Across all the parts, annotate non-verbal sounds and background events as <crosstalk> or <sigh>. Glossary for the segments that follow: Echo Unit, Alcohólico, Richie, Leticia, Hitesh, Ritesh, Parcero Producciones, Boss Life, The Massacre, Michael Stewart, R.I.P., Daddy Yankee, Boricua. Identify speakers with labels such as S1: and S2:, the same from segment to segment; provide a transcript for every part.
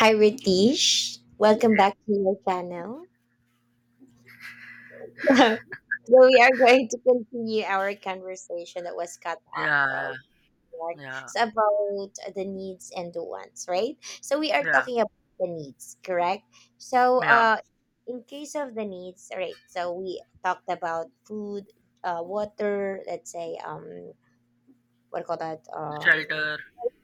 S1: Hi, Ritesh. Welcome back to your channel. <laughs> So we are going to continue our conversation that was cut off from,
S2: Yeah,
S1: right?
S2: yeah,
S1: So about the needs and the wants, right? So we are
S2: yeah,
S1: talking about the needs, correct? So
S2: yeah.
S1: uh, in case of the needs, right? So we talked about food, water. Let's say what do you call that
S2: Shelter.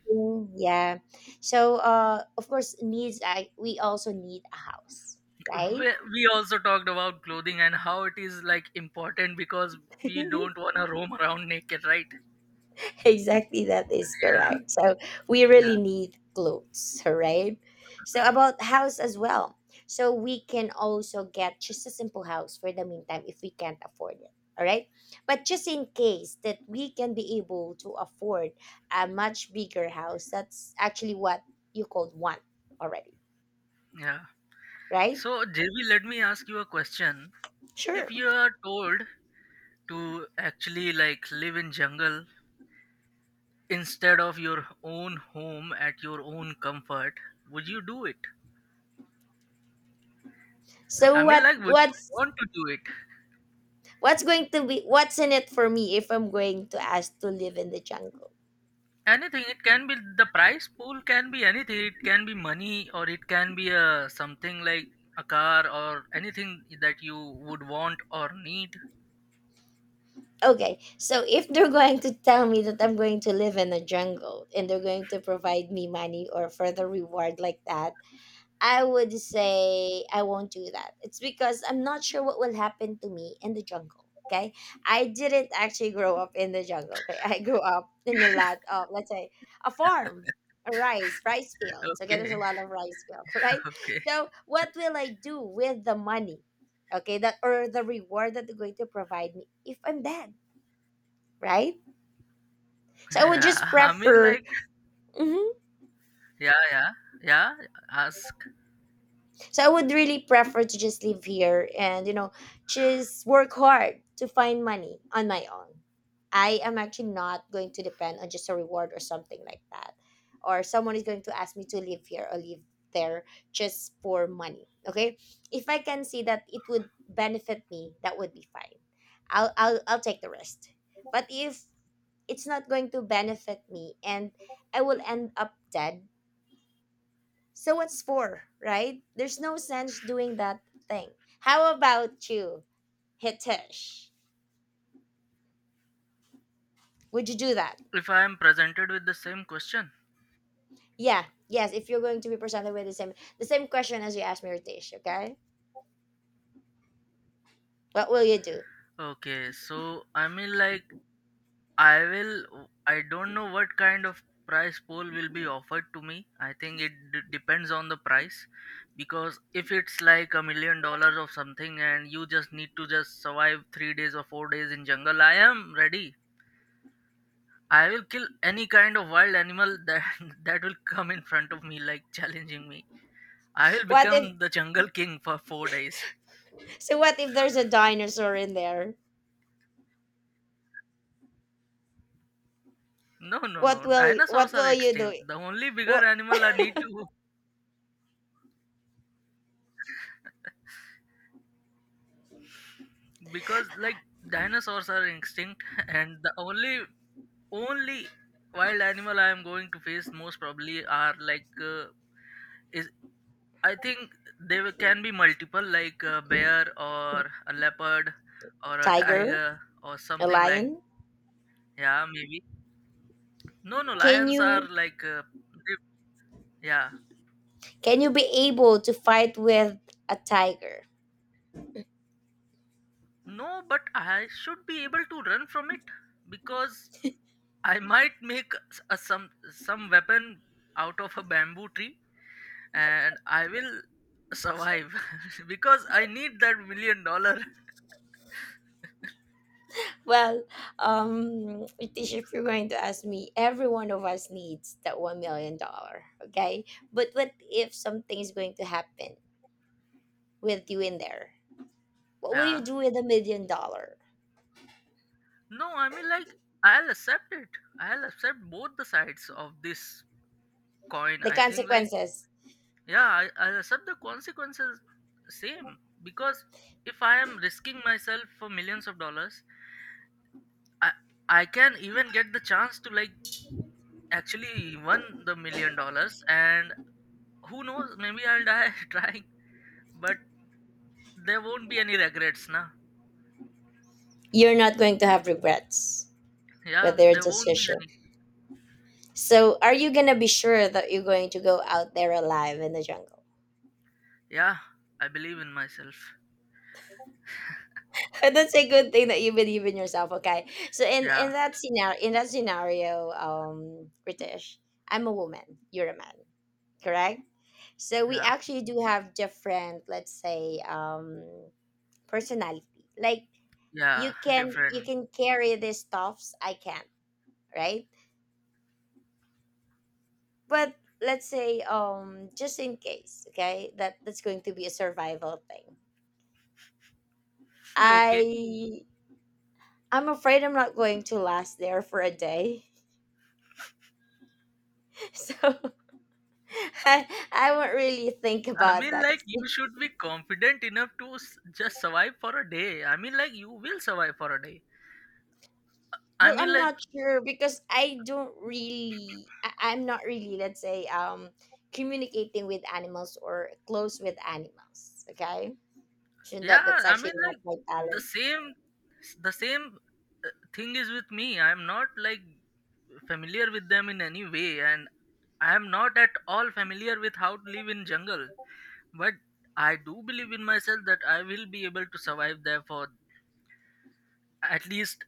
S1: thing. Yeah. So of course needs I we also need a house, right?
S2: We also talked about clothing and how it is like important because we don't
S1: <laughs>
S2: want to roam around naked, right?
S1: Exactly, that is
S2: Yeah,
S1: correct, so we really
S2: yeah,
S1: need clothes. <laughs> Right. So about house as well. So we can also get just a simple house for the meantime if we can't afford it. All right, but just in case that we can be able to afford a much bigger house, that's actually what you called one already.
S2: yeah.
S1: Right.
S2: So, JB, let me ask you a question. If
S1: Sure.
S2: you are told to actually like live in jungle instead of your own home at your own comfort, would you do it?
S1: so
S2: I mean,
S1: what
S2: like, would you
S1: what's
S2: want to do it?
S1: what's going to be, what's in it for me if I'm going to ask to live in the jungle?
S2: Anything. It can be the price pool can be anything. It can be money or it can be a something like a car or anything that you would want or need.
S1: Okay, so if they're going to tell me that I'm going to live in a jungle and they're going to provide me money or further reward like that, I would say I won't do that. It's because I'm not sure what will happen to me in the jungle. Okay, I didn't actually grow up in the jungle. Okay, I grew up in a lot of, let's say, a farm, a rice fields. Okay, there's
S2: Okay,
S1: a lot of rice fields, <laughs> right?
S2: <laughs> okay.
S1: So, what will I do with the money? Okay, that or the reward that they're going to provide me if I'm dead? Right? So I would just
S2: Yeah, I mean
S1: prefer.
S2: like
S1: Mhm.
S2: yeah, yeah, yeah. Ask
S1: So I would really prefer to just live here and just work hard to find money on my own. I am actually not going to depend on just a reward or something like that, or someone is going to ask me to live here or live there just for money. Okay, if I can see that it would benefit me, that would be fine. I'll take the rest. But if it's not going to benefit me and I will end up dead. So what's for, right? There's no sense doing that thing. How about you, Hitesh? Would you do that?
S2: if I am presented with the same question.
S1: Yeah, yes, if you're going to be presented with the same, the same question as you asked me, Hitesh, okay? What will you do?
S2: Okay, so I mean like I will. I don't know what kind of price pool will be offered to me. I think it depends on the price, because if it's like $1 million or something and you just need to just survive 3 days or 4 days in jungle, I am ready. I will kill any kind of wild animal that <laughs> that will come in front of me, like challenging me. I will
S1: What if,
S2: become the jungle king for 4 days.
S1: what if there's a dinosaur in there?
S2: No, no,
S1: What
S2: no.
S1: will what
S2: Dinosaurs are
S1: will you do?
S2: extinct. The only bigger
S1: What,
S2: animal I need to because like dinosaurs are extinct <laughs> and the only wild animal I am going to face most probably are like is I think they can be multiple like a bear or a leopard or a
S1: tiger?
S2: tiger or
S1: A
S2: something like
S1: lion?
S2: yeah maybe no no
S1: Can
S2: lions are
S1: you
S2: like they- yeah
S1: can you be able to fight with a tiger?
S2: no but I should be able to run from it because I might make some weapon out of a bamboo tree, and I will survive <laughs> because I need that $1 million. <laughs>
S1: Well, Leticia, if you're going to ask me, every one of us needs that 1 million dollar, okay? But what if something is going to happen with you in there? What will you
S2: Yeah.
S1: do with 1 million dollar?
S2: No, I mean like I'll accept it. I'll accept both the sides of this coin.
S1: The
S2: I think like
S1: consequences,
S2: yeah, I'll accept the consequences same because if I am risking myself for millions of dollars, I I can even get the chance to like actually win the $1 million, and who knows, maybe I'll die <laughs> trying, but there won't be any regrets now.
S1: you're not going to have regrets with
S2: Yeah,
S1: your
S2: there won't be
S1: decision.
S2: any.
S1: So, are you gonna be sure that you're going to go out there alive in the jungle?
S2: Yeah, I believe in myself.
S1: <laughs> That's a good thing that you believe in yourself, okay? So, in
S2: Yeah,
S1: in that scenario, in that scenario, British, I'm a woman, you're a man, correct? So we
S2: yeah,
S1: actually do have different, let's say, personality, like, you
S2: yeah,
S1: can you
S2: different.
S1: can carry these stuffs, I can't, right? But let's say, just in case, okay, that that's going to be a survival thing.
S2: <laughs> Okay.
S1: I i'm afraid I'm not going to last there for a day. <laughs> so i i won't really think
S2: I
S1: about
S2: mean,
S1: that.
S2: like, you should be confident enough to just survive for a day. I mean, like, you will survive for a day. I
S1: Well,
S2: mean,
S1: I'm
S2: like,
S1: not sure because I don't really, I'm not really, let's say, communicating with animals or close with animals. Okay. Shouldn't that,
S2: yeah,
S1: that's
S2: I
S1: actually
S2: mean,
S1: not
S2: like,
S1: my
S2: the
S1: talent.
S2: same, the same uh, thing is with me. I'm not, like, familiar with them in any way, and I am not at all familiar with how to live in jungle. But I do believe in myself that I will be able to survive there for at least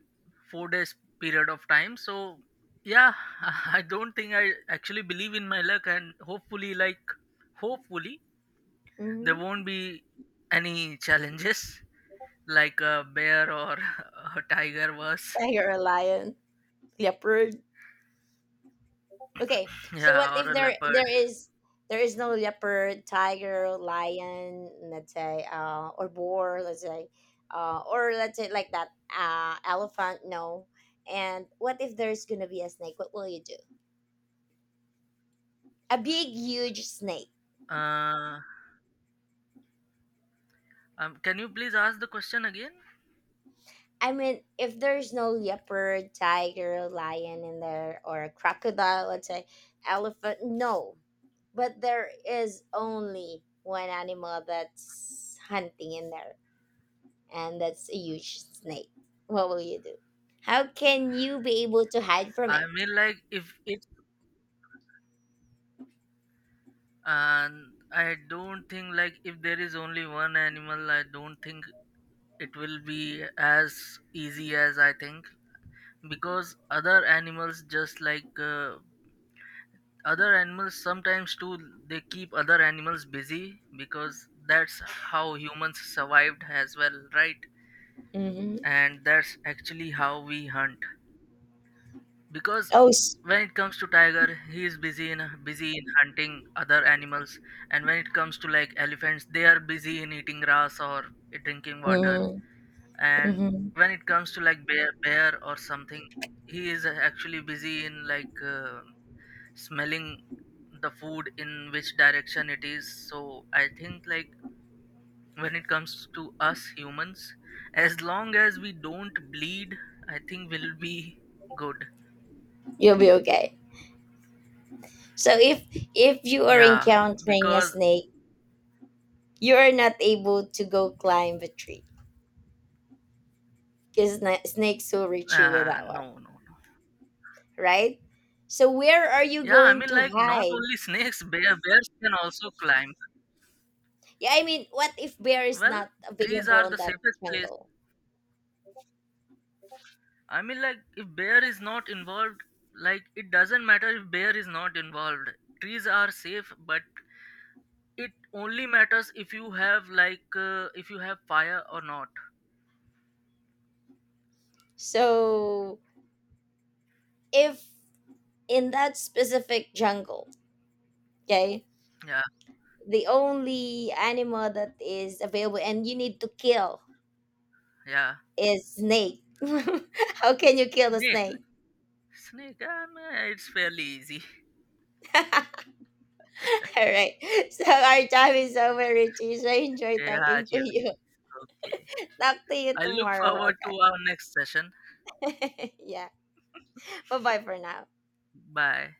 S2: 4 days period of time so yeah. <laughs> I don't think I actually believe in my luck, and hopefully like hopefully there
S1: Hmm.
S2: won't be any challenges <laughs> like a bear or <laughs> a tiger was
S1: Tiger or <laughs> lion. Leopard. Okay,
S2: <laughs>
S1: so what
S2: yeah
S1: if
S2: or a
S1: there
S2: leopard.
S1: there is there is no leopard, tiger, lion, let's say, or boar, let's say, or let's say like that, elephant, no. And what if there's gonna be a snake? What will you do? A big, huge snake.
S2: uh can you please ask the question again?
S1: I mean, if there's no leopard, tiger, lion in there, or a crocodile, let's say, elephant, no. But there is only one animal that's hunting in there, and that's a huge snake. What will you do? How can you be able to hide from it?
S2: I mean like if it, and I don't think like if there is only one animal, I don't think it will be as easy as I think, because other animals just like other animals sometimes too, they keep other animals busy, because that's how humans survived as well, right?
S1: Hmm.
S2: And that's actually how we hunt, because
S1: Oh, s-.
S2: when it comes to tiger he is busy in hunting other animals, and when it comes to like elephants they are busy in eating grass or drinking water,
S1: Mhm.
S2: and
S1: Mhm.
S2: when it comes to like bear or something he is actually busy in like smelling the food in which direction it is, so I think like when it comes to us humans, as long as we don't bleed I think we'll be good.
S1: You'll be okay. So if you are
S2: Yeah,
S1: encountering a
S2: because
S1: snake, you are not able to go climb a tree because snakes will reach you with that one,
S2: no.
S1: right? So where are you
S2: Yeah, I
S1: going
S2: mean
S1: to
S2: like not
S1: hide?
S2: only <laughs> snakes bears can also climb.
S1: Yeah, I mean, what if bear is
S2: Well,
S1: not
S2: trees
S1: available
S2: are
S1: on
S2: the
S1: that
S2: safest place.
S1: jungle?
S2: I mean like if bear is not involved, like it doesn't matter if bear is not involved, trees are safe, but it only matters if you have like if you have fire or not.
S1: So if in that specific jungle, okay,
S2: Yeah
S1: the only animal that is available and you need to kill
S2: yeah.
S1: is snake. <laughs> How can you kill the
S2: Snake.
S1: snake?
S2: Snake yeah, man, it's fairly easy. <laughs>
S1: <laughs> All right. So our time is over, Richie. So I enjoy
S2: Yeah,
S1: talking to you.
S2: JB.
S1: <laughs>
S2: Okay,
S1: Talk to you
S2: I look
S1: tomorrow,
S2: forward to our next session.
S1: okay? <laughs> Yeah. Bye bye for now.
S2: Bye.